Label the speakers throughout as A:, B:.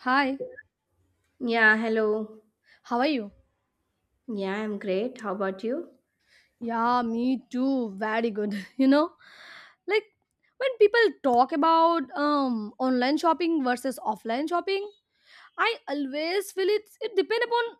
A: Hi,
B: Yeah, hello.
A: how are you?
B: Yeah, I'm great. How about you?
A: Yeah, me too. Very good. You know, like when people talk about online shopping versus offline shopping, I always feel it depends upon,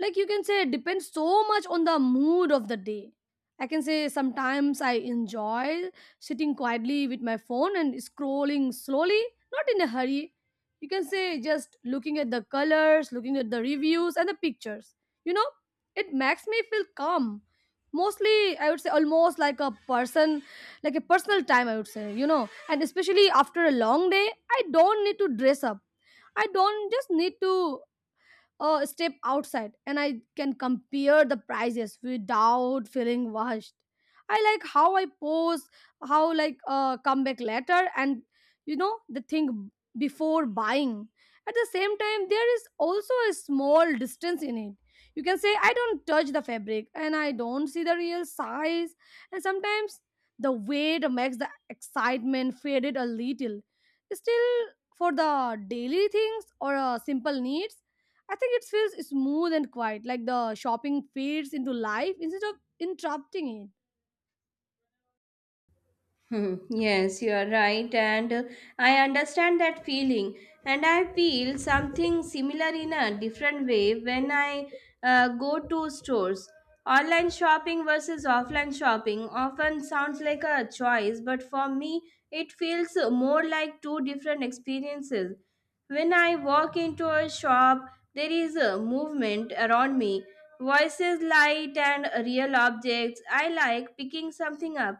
A: like, you can say it depends so much on the mood of the day. I can say sometimes I enjoy sitting quietly with my phone and scrolling slowly, not in a hurry. You can say just looking at the colors, looking at the reviews and the pictures, you know, it makes me feel calm mostly. I would say almost like a personal time, I would say, and especially after a long day I don't need to dress up. I don't just need to step outside, and I can compare the prices without feeling rushed. I like how I pose, how like come back later, and you know the thing before buying. At the same time, there is also a small distance in it. You can say I don't touch the fabric and I don't see the real size, and sometimes the weight makes the excitement faded a little. Still, for the daily things or simple needs, I think it feels smooth and quiet, like the shopping fades into life instead of interrupting it.
B: Hmm, yes, you are right, and I understand that feeling. And I feel something similar in a different way when I go to stores. Online shopping versus offline shopping often sounds like a choice, but for me, it feels more like two different experiences. When I walk into a shop, there is a movement around me, voices, light, and real objects. I like picking something up,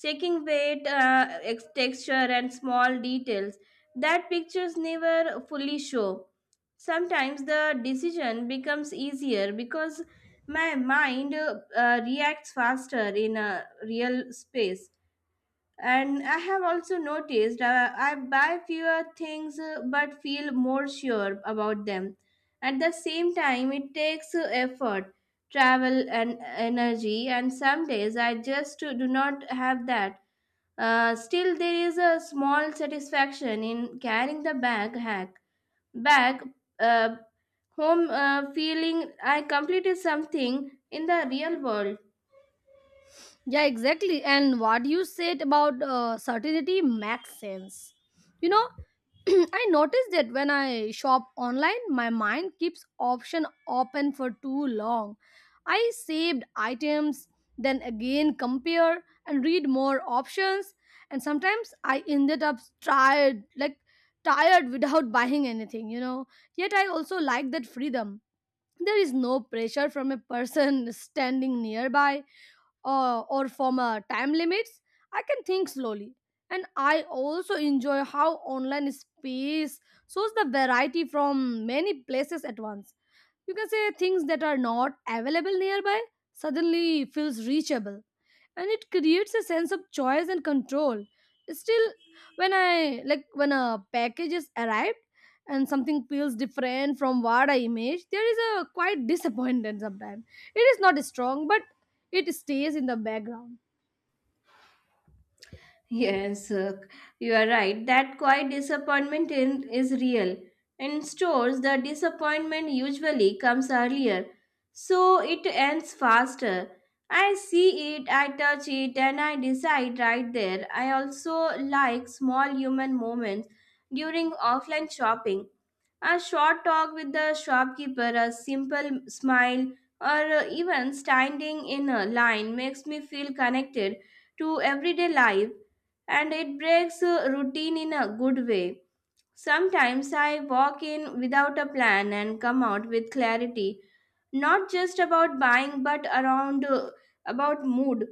B: checking weight, texture, and small details that pictures never fully show. Sometimes the decision becomes easier because my mind reacts faster in a real space. And I have also noticed, I buy fewer things, but feel more sure about them. At the same time, it takes effort, travel, and energy, and some days I just do not have that. Still, there is a small satisfaction in carrying the bag uh, home, feeling I completed something in the real world.
A: Yeah, exactly. And what you said about certainty makes sense. You know, I noticed that when I shop online, my mind keeps option open for too long. I saved items, then again compare and read more options, and sometimes I ended up tired, like tired without buying anything. Yet I also like that freedom. There is no pressure from a person standing nearby, or from time limits. I can think slowly. And I also enjoy how online space shows the variety from many places at once. You can say things that are not available nearby suddenly feels reachable, and it creates a sense of choice and control. Still, when I like when a package is arrived and something feels different from what I imaged, there is a quite disappointment sometimes. It is not strong, but it stays in the background.
B: Yes, you are right. That quiet disappointment in, is real. In stores, the disappointment usually comes earlier, so it ends faster. I see it, I touch it, and I decide right there. I also like small human moments during offline shopping. A short talk with the shopkeeper, a simple smile, or even standing in a line makes me feel connected to everyday life, and it breaks routine in a good way. Sometimes I walk in without a plan and come out with clarity, not just about buying but around about mood.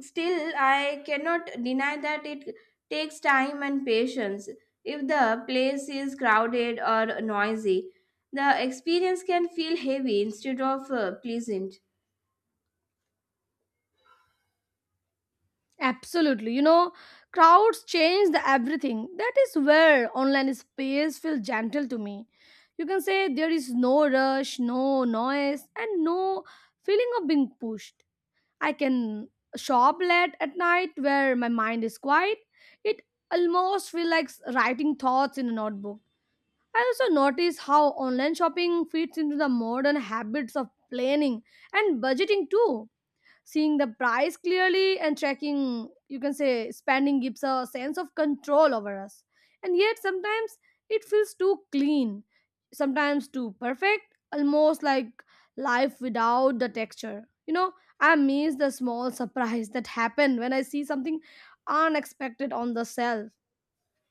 B: Still, I cannot deny that it takes time and patience. If the place is crowded or noisy, the experience can feel heavy instead of pleasant.
A: Absolutely, you know, crowds change the everything. That is where online space feels gentle to me. You can say there is no rush, no noise, and no feeling of being pushed. I can shop late at night where my mind is quiet. It almost feels like writing thoughts in a notebook. I also notice how online shopping fits into the modern habits of planning and budgeting too. Seeing the price clearly and tracking, you can say, spending gives a sense of control over us. And yet, sometimes it feels too clean, sometimes too perfect, almost like life without the texture. You know, I miss the small surprise that happen when I see something unexpected on the shelf.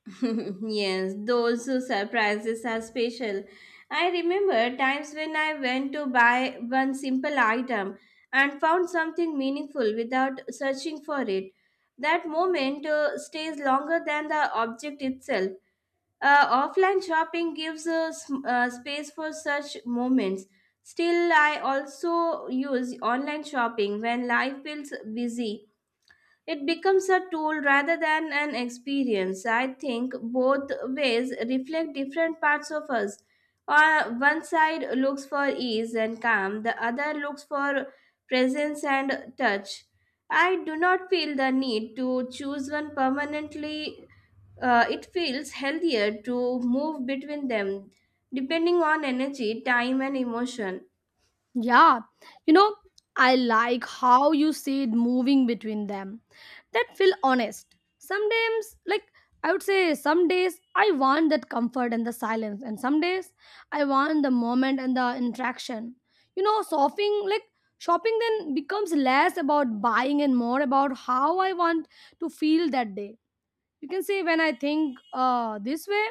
B: Yes, those surprises are special. I remember times when I went to buy one simple item and found something meaningful without searching for it. That moment stays longer than the object itself. Offline shopping gives a space for such moments. Still, I also use online shopping when life feels busy. It becomes a tool rather than an experience. I think both ways reflect different parts of us. On one side looks for ease and calm, the other looks for presence and touch. I do not feel the need to choose one permanently. It feels healthier to move between them, depending on energy, time, and emotion.
A: Yeah, you know, I like how you said moving between them. That feel honest. Sometimes, like, I would say, some days I want that comfort and the silence, and some days I want the moment and the interaction. You know, shopping then becomes less about buying and more about how I want to feel that day. You can say when I think this way,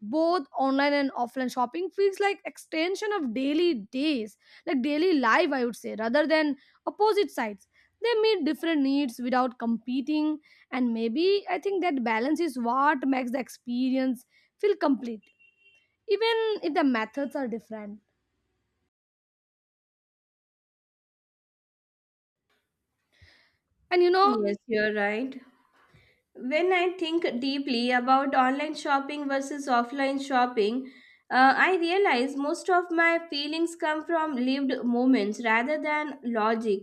A: both online and offline shopping feels like extension of daily days like daily life, I would say, rather than opposite sides. They meet different needs without competing, and maybe I think that balance is what makes the experience feel complete, even if the methods are different and you know
B: Yes, you're right. When I think deeply about online shopping versus offline shopping, I realize most of my feelings come from lived moments rather than logic.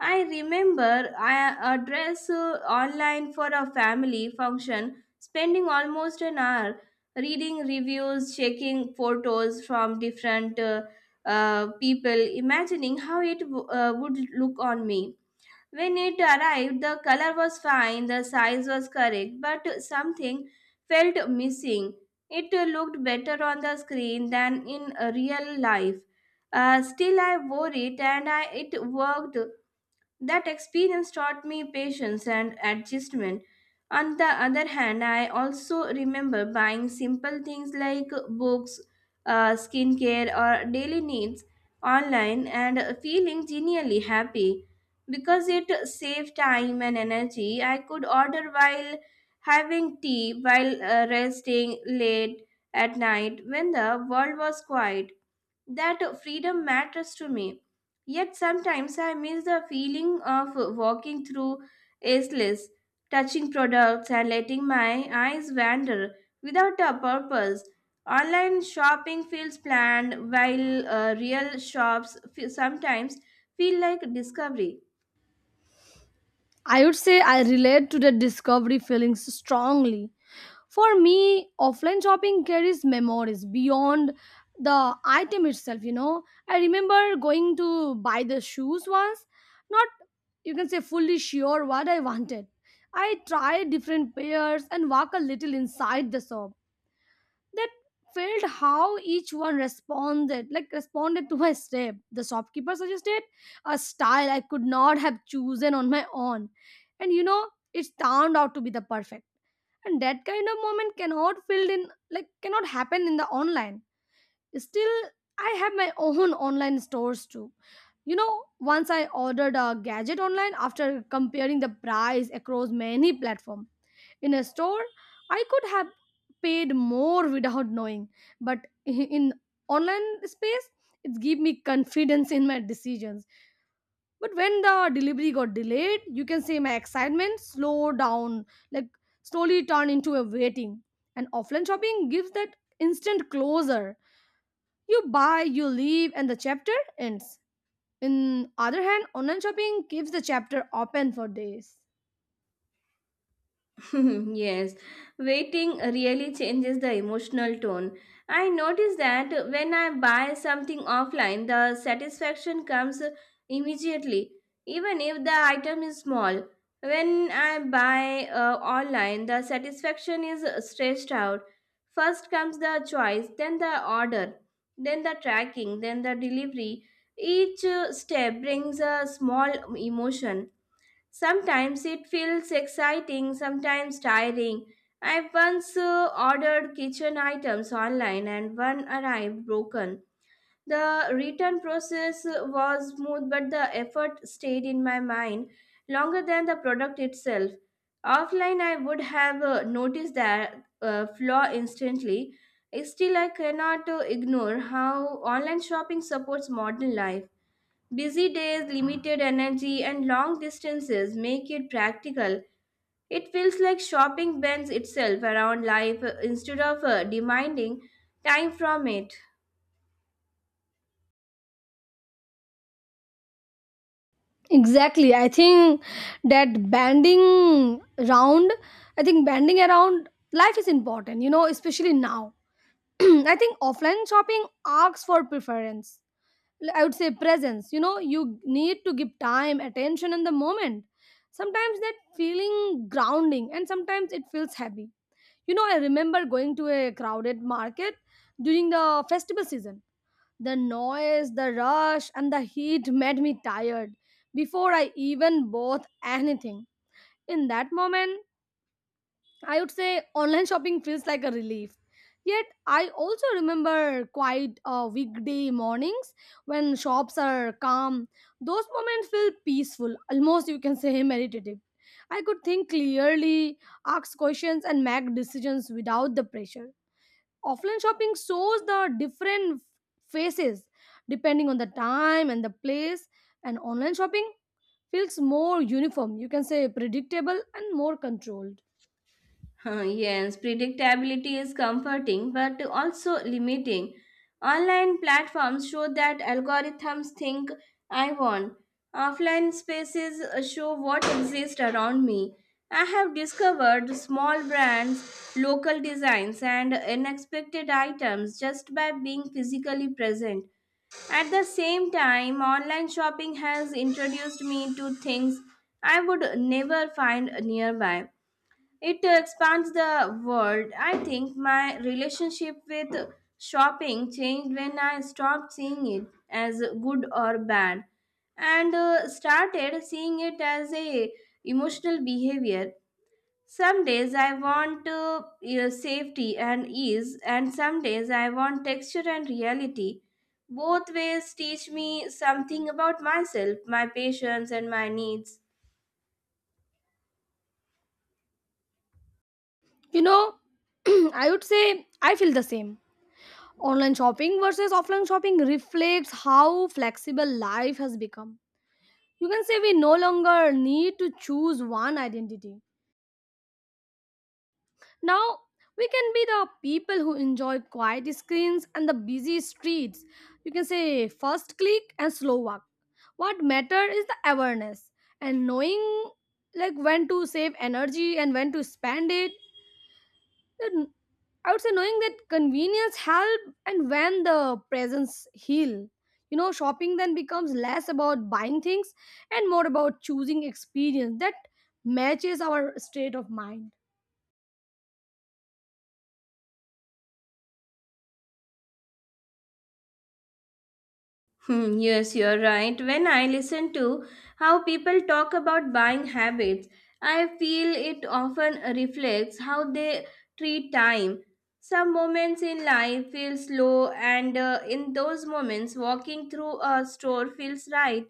B: I remember I a dress online for a family function, spending almost an hour reading reviews, checking photos from different people, imagining how would look on me. When it arrived, the color was fine, the size was correct, but something felt missing. It looked better on the screen than in real life. Still, I wore it and I, it worked. That experience taught me patience and adjustment. On the other hand, I also remember buying simple things like books, skincare, or daily needs online and feeling genuinely happy because it saved time and energy. I could order while having tea, while resting late at night when the world was quiet. That freedom matters to me. Yet sometimes I miss the feeling of walking through aisles, touching products, and letting my eyes wander without a purpose. Online shopping feels planned, while real sometimes feel like discovery.
A: I would say I relate to the discovery feelings strongly. For me, offline shopping carries memories beyond the item itself, you know. I remember going to buy the shoes once, not, you can say, fully sure what I wanted. I tried different pairs and walk a little inside the shop. That felt how each one responded to my step. The shopkeeper suggested a style I could not have chosen on my own, and, you know, it turned out to be the perfect. And that kind of moment cannot happen in the online. Still, I have my own online stores too. You know, once I ordered a gadget online after comparing the price across many platforms. In a store, I could have paid more without knowing, but in online space, it gave me confidence in my decisions. But when the delivery got delayed, you can say my excitement slowed down, like slowly turned into a waiting. And offline shopping gives that instant closure. You buy, you leave, and the chapter ends. In other hand, online shopping keeps the chapter open for days.
B: Yes, waiting really changes the emotional tone. I notice that when I buy something offline, the satisfaction comes immediately, even if the item is small. When I buy online, the satisfaction is stretched out. First comes the choice, then the order, then the tracking, then the delivery. Each step brings a small emotion. Sometimes it feels exciting, sometimes tiring. I once ordered kitchen items online and one arrived broken. The return process was smooth, but the effort stayed in my mind longer than the product itself. Offline, I would have noticed that flaw instantly. Still, I cannot ignore how online shopping supports modern life. Busy days, limited energy, and long distances make it practical. It feels like shopping bends itself around life instead of demanding time from it.
A: Exactly. I think that banding round, banding around life is important, you know, especially now. I think offline shopping asks for preference. I would say presence. You know, you need to give time, attention in the moment. Sometimes that feeling grounding and sometimes it feels heavy. You know, I remember going to a crowded market during the festival season. The noise, the rush, and the heat made me tired before I even bought anything. In that moment, I would say online shopping feels like a relief. Yet, I also remember quite weekday mornings when shops are calm. Those moments feel peaceful, almost, you can say, meditative. I could think clearly, ask questions, and make decisions without the pressure. Offline shopping shows the different faces depending on the time and the place, and online shopping feels more uniform, you can say predictable and more controlled,
B: Yes, predictability is comforting but also limiting. Online platforms show that algorithms think I want. Offline spaces show what exists around me. I have discovered small brands, local designs, and unexpected items just by being physically present. At the same time, online shopping has introduced me to things I would never find nearby. It expands the world. I think my relationship with shopping changed when I stopped seeing it as good or bad and started seeing it as a emotional behavior. Some days I want safety and ease, and some days I want texture and reality. Both ways teach me something about myself, my patience and my needs.
A: you know. I would say I feel the same. Online shopping versus offline shopping reflects how flexible life has become. You can say we no longer need to choose one identity. Now, we can be the people who enjoy quiet screens and the busy streets. You can say first click and slow walk. What matter is the awareness and knowing, like, when to save energy and when to spend it. Then I would say knowing that convenience help and when the presence heal. You know, shopping then becomes less about buying things and more about choosing experience that matches our state of mind.
B: Hmm, yes, you're right. When I listen to how people talk about buying habits, I feel it often reflects how they treat time. Some moments in life feel slow, and in those moments, walking through a store feels right.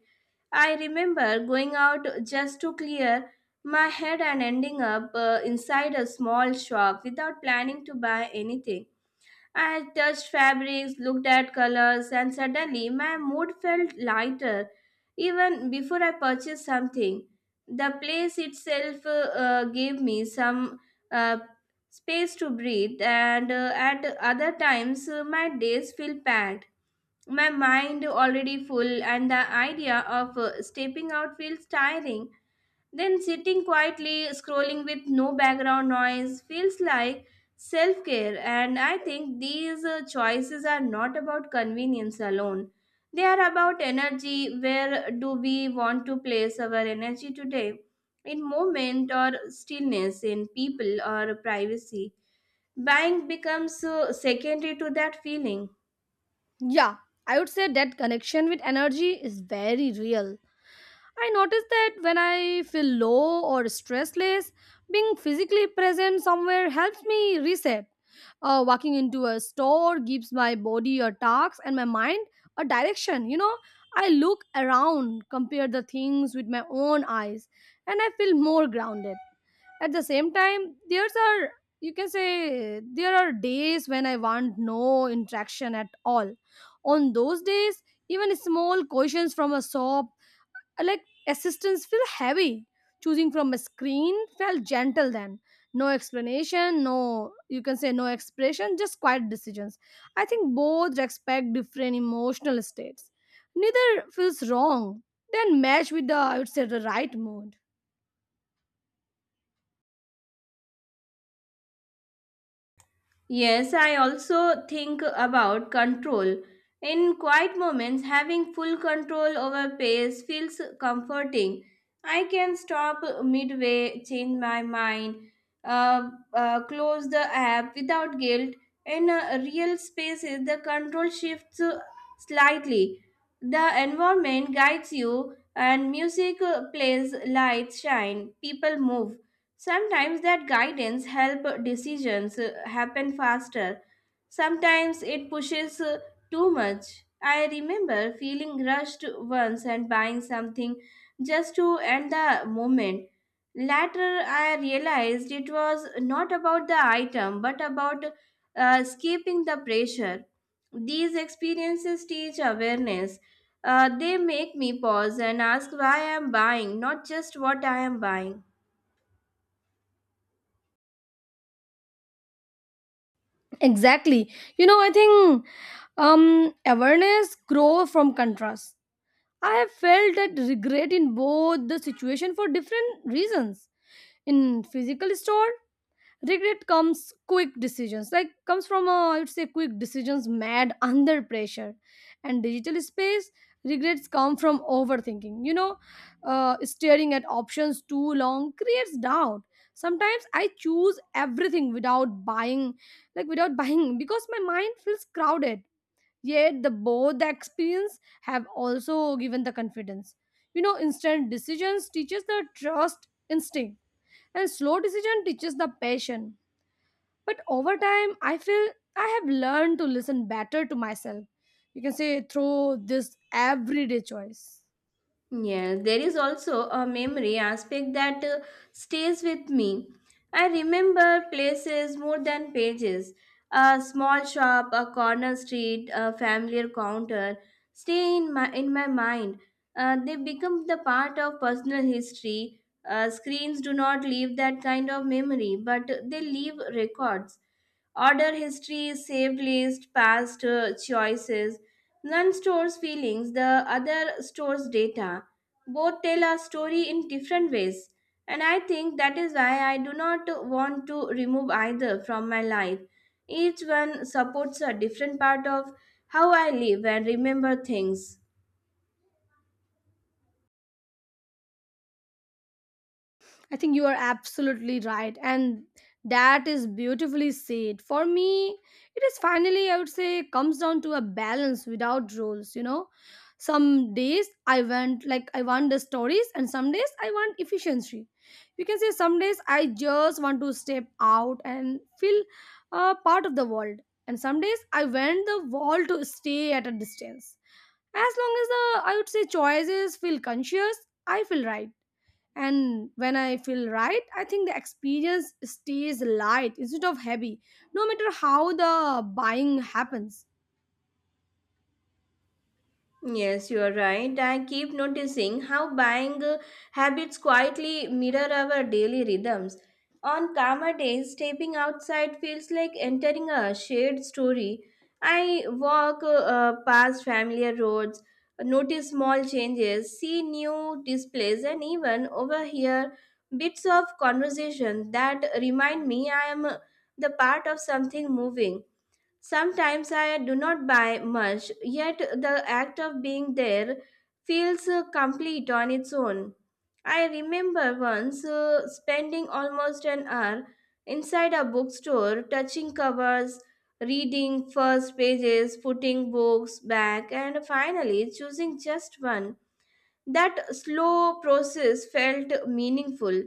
B: I remember going out just to clear my head and ending up inside a small shop without planning to buy anything. I touched fabrics, looked at colors, and suddenly my mood felt lighter even before I purchased something. The place itself gave me some uh, space to breathe, and at other times, my days feel packed. My mind already full, and the idea of stepping out feels tiring. Then sitting quietly, scrolling with no background noise feels like self care, and I think these choices are not about convenience alone. They are about energy. Where do we want to place our energy today? In moment or stillness, in people or privacy. Buying becomes secondary to that feeling.
A: Yeah, I would say that connection with energy is very real. I notice that when I feel low or stressless, being physically present somewhere helps me reset. Walking into a store gives my body a task and my mind a direction, you know. I look around, compare the things with my own eyes, and I feel more grounded. At the same time, there's are you can say there are days when I want no interaction at all. On those days, even small questions from a shop, like assistance, feel heavy. Choosing from a screen felt gentle then. No explanation, no, you can say, no expression, just quiet decisions. I think both respect different emotional states, neither feels wrong, then match with the, I would say, the right mood.
B: Yes, I also think about control. In quiet moments, having full control over pace feels comforting. I can stop midway, change my mind, uh, close the app without guilt. In real spaces, the control shifts slightly. The environment guides you, and music plays, lights shine, people move. Sometimes that guidance help decisions happen faster. Sometimes it pushes too much. I remember feeling rushed once and buying something just to end the moment. Later, I realized it was not about the item but about escaping the pressure. These experiences teach awareness. They make me pause and ask why I am buying, not just what I am buying.
A: Exactly, you know, I think awareness grow from contrast. I have felt that regret in both the situation for different reasons. In physical store, regret comes from, I would say, quick decisions mad under pressure. And digital space, regrets come from overthinking, you know, staring at options too long creates doubt. Sometimes I choose everything without buying, like without buying, because my mind feels crowded. Yet the both the experience have also given the confidence, you know. Instant decisions teaches the trust instinct, and slow decision teaches the passion. But over time I feel I have learned to listen better to myself, you can say through this everyday choice.
B: Yes, there is also a memory aspect that stays with me. I remember places more than pages. A small shop, a corner street, a familiar counter stay in my mind. They become the part of personal history. Screens do not leave that kind of memory, but they leave records. Order history, saved list, past choices. One stores feelings, the other stores data. Both tell our story in different ways. And I think that is why I do not want to remove either from my life. Each one supports a different part of how I live and remember things.
A: I think you are absolutely right. And that is beautifully said. For me, it is finally, I would say, comes down to a balance without rules, you know. Some days I want the stories, and some days I want efficiency. You can say some days I just want to step out and feel part of the world. And some days I want the world to stay at a distance. As long as the, I would say, choices feel conscious, I feel right, and when I feel right, I think the experience stays light instead of heavy no matter how the buying happens.
B: Yes, you are right. I keep noticing how buying habits quietly mirror our daily rhythms. On calmer days, stepping outside feels like entering a shared story. I walk past familiar roads, notice small changes, see new displays, and even overhear bits of conversation that remind me I am the part of something moving. Sometimes I do not buy much, yet the act of being there feels complete on its own. I remember once spending almost an hour inside a bookstore, touching covers, reading first pages, putting books back, and finally choosing just one. That slow process felt meaningful.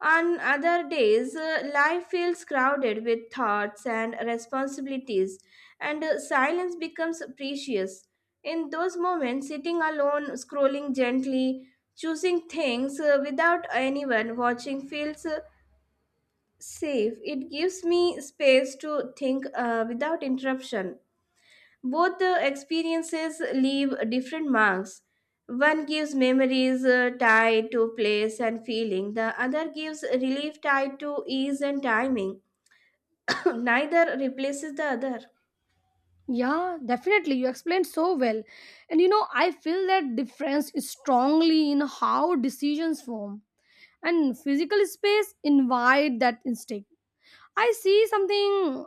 B: On other days, life feels crowded with thoughts and responsibilities, and silence becomes precious. In those moments, sitting alone, scrolling gently, choosing things without anyone watching feels safe. It gives me space to think without interruption. Both the experiences leave different marks. One gives memories tied to place and feeling, the other gives relief tied to ease and timing. Neither replaces the other.
A: Yeah, definitely, you explained so well. And I feel that difference is strongly in how decisions form, and physical space invite that instinct. I see something.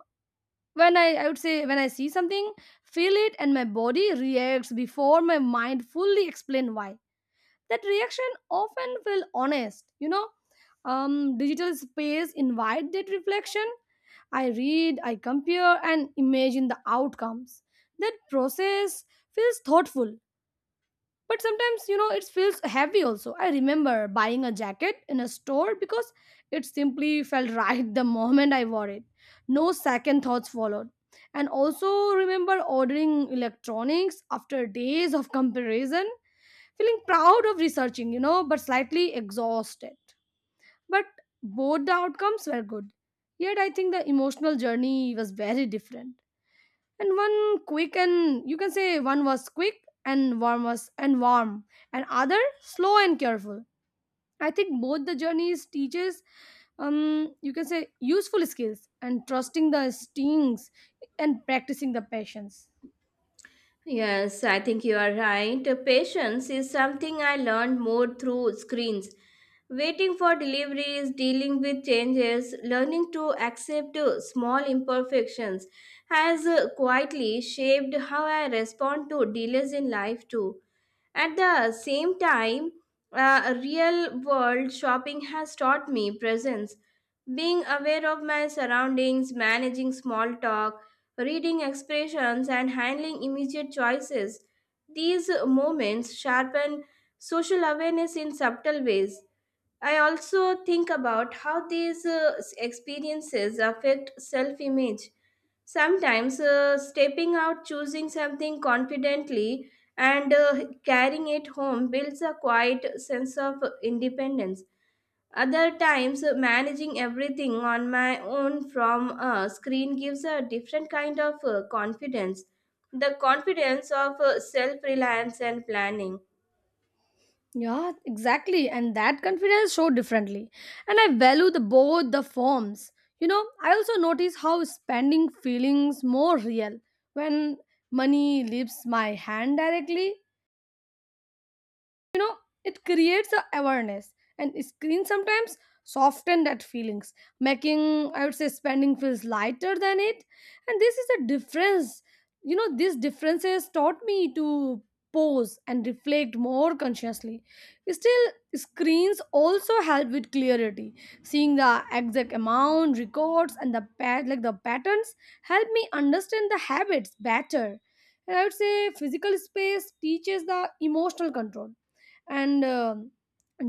A: When I would say, when I see something, feel it, and my body reacts before my mind fully explain why, that reaction often feel honest. Digital space invite that reflection. I read, I compare, and imagine the outcomes. That process feels thoughtful, but sometimes it feels heavy also. I remember buying a jacket in a store because it simply felt right the moment I wore it. No second thoughts followed. And also remember ordering electronics after days of comparison, feeling proud of researching, but slightly exhausted. But both the outcomes were good. Yet I think the emotional journey was very different. And one quick and you can say One was quick and warm, and other slow and careful. I think both the journeys teaches you can say useful skills, and trusting the instincts, and practicing the patience.
B: Yes, I think you are right. Patience is something I learned more through screens. Waiting for deliveries, dealing with changes, learning to accept small imperfections has quietly shaped how I respond to delays in life too. At the same time, real world shopping has taught me presence. Being aware of my surroundings, managing small talk, reading expressions, and handling immediate choices. These moments sharpen social awareness in subtle ways. I also think about how these experiences affect self image. Sometimes stepping out, choosing something confidently, and carrying it home builds a quiet sense of independence. Other times, managing everything on my own from a screen gives a different kind of confidence. The confidence of self reliance and planning.
A: Yeah, exactly. And that confidence showed differently. And I value the both the forms. I also notice how spending feelings more real when money leaves my hand directly. It creates a awareness, and screen sometimes soften that feelings, making, I would say, spending feels lighter than it. And this is a difference. These differences taught me to pause and reflect more consciously. Still, screens also help with clarity. Seeing the exact amount, records, and the patterns help me understand the habits better. And I would say physical space teaches the emotional control, and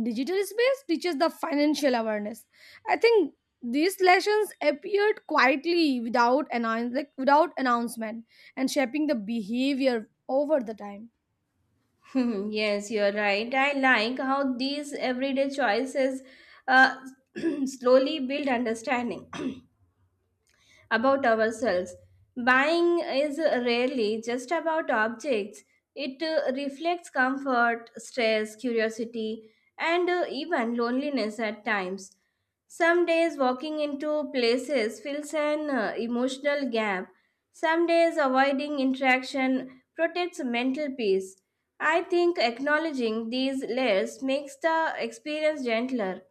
A: digital space teaches the financial awareness. I think these lessons appeared quietly without announcement, and shaping the behavior over the time.
B: Yes, you're right. I like how these everyday choices uh, slowly build understanding. About ourselves. Buying is rarely just about objects, it reflects comfort, stress, curiosity, and even loneliness at times. Some days walking into places fills an emotional gap. Some days avoiding interaction protects mental peace. I think acknowledging these layers makes the experience gentler.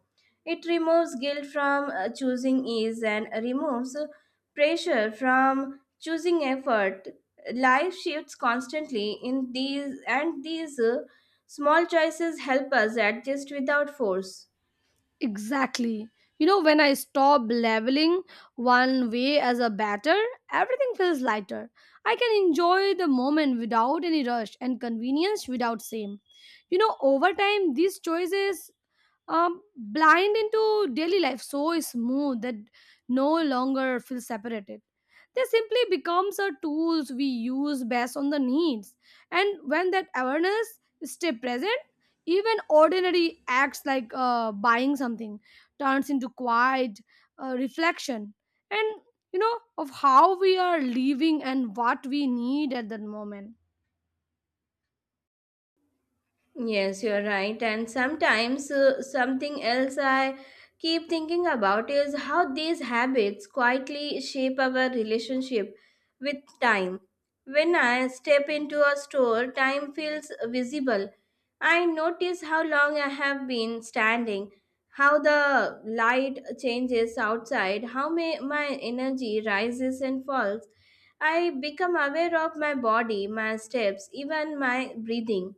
B: It removes guilt from choosing ease and removes pressure from choosing effort. Life shifts constantly in these, and these small choices help us adjust without force.
A: Exactly. When I stop leveling one way as a batter, everything feels lighter. I can enjoy the moment without any rush, and convenience without same. Over time, these choices blind into daily life so smooth that no longer feel separated. They simply becomes a tools we use based on the needs. And when that awareness stay present, even ordinary acts like buying something turns into quiet reflection, and of how we are living and what we need at that moment.
B: Yes, you're right. And sometimes something else I keep thinking about is how these habits quietly shape our relationship with time. When I step into a store, time feels visible. I notice how long I have been standing, how the light changes outside, how may, my energy rises and falls. I become aware of my body, my steps, even my breathing.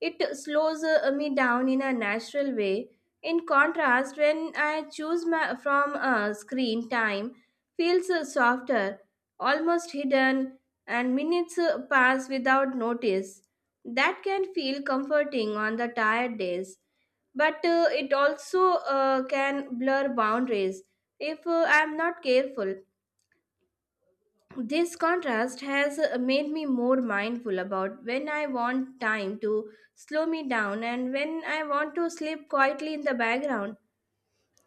B: It slows me down in a natural way. In contrast, when I choose my, from a screen, time feels softer, almost hidden, and minutes pass without notice. That can feel comforting on the tired days, but it also can blur boundaries if I am not careful. This contrast has made me more mindful about when I want time to slow me down and when I want to sleep quietly in the background.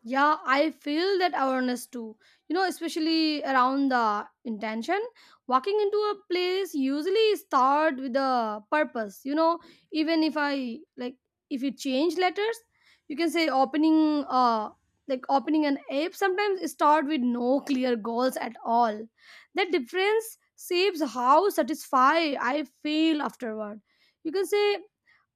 A: Yeah, I feel that awareness too. Especially around the intention. Walking into a place usually start with a purpose. Even if I like if you change letters, you can say opening an app sometimes start with no clear goals at all. That difference shapes how satisfied I feel afterward. You can say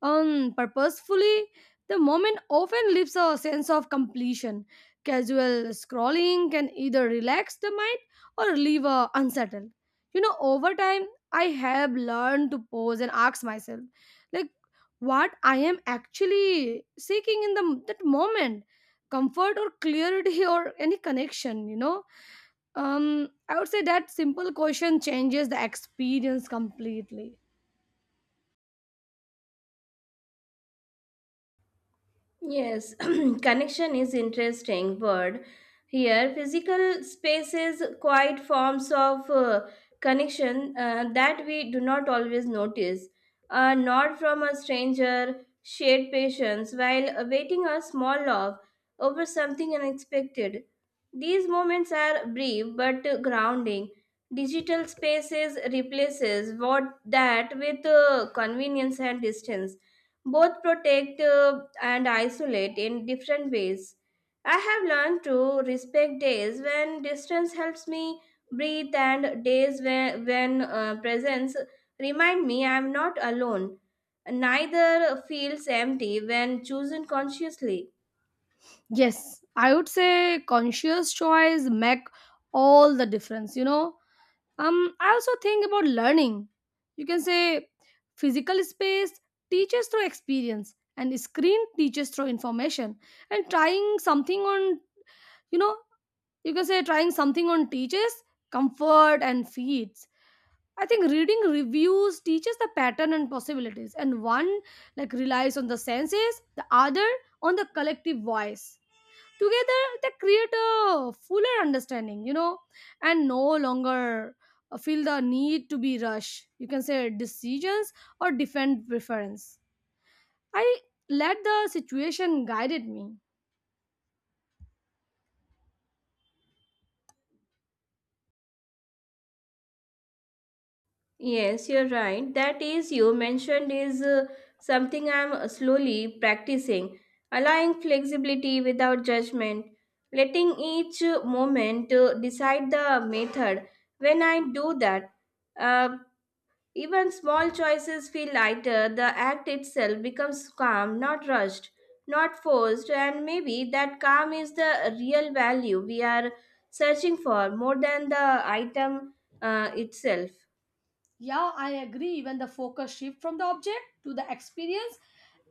A: purposefully the moment often leaves a sense of completion. Casual scrolling can either relax the mind or leave a unsettled. Over time, I have learned to pause and ask myself, like, what I am actually seeking in the that moment, comfort or clarity or any connection. I would say that simple question changes the experience completely.
B: Yes, connection is interesting word here. Physical spaces, quiet forms of connection that we do not always notice. A nod from a stranger, shared patience while awaiting a small love over something unexpected. These moments are brief but grounding. Digital spaces replaces what that with convenience and distance, both protect and isolate in different ways. I have learned to respect days when distance helps me breathe and days when presence remind me I am not alone. Neither feels empty when chosen consciously.
A: Yes, I would say conscious choice make all the difference. I also think about learning. You can say physical space teaches through experience, and screen teaches through information. And trying something on you know you can say trying something on teaches comfort and feeds. I think reading reviews teaches the pattern and possibilities, and one, like, relies on the senses, the other on the collective voice. Together, they create a fuller understanding, and no longer feel the need to be rushed. You can say decisions or defend preference. I let the situation guided me.
B: Yes, you're right. That is, you mentioned, is something I'm slowly practicing, allowing flexibility without judgment, letting each moment decide the method. When I do that, uh, even small choices feel lighter. The act itself becomes calm, not rushed, not forced, and maybe that calm is the real value we are searching for more than the item itself.
A: Yeah, I agree. When the focus shift from the object to the experience,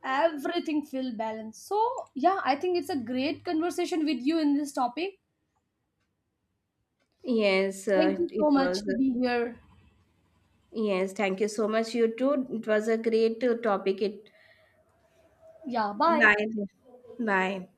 A: everything feel balanced. So yeah, I think it's a great conversation with you in this topic.
B: Yes,
A: Thank you
B: it
A: so
B: was.
A: much to be here.
B: Yes, thank you so much. You too. It was a great topic. It
A: Yeah, bye.
B: bye. Bye.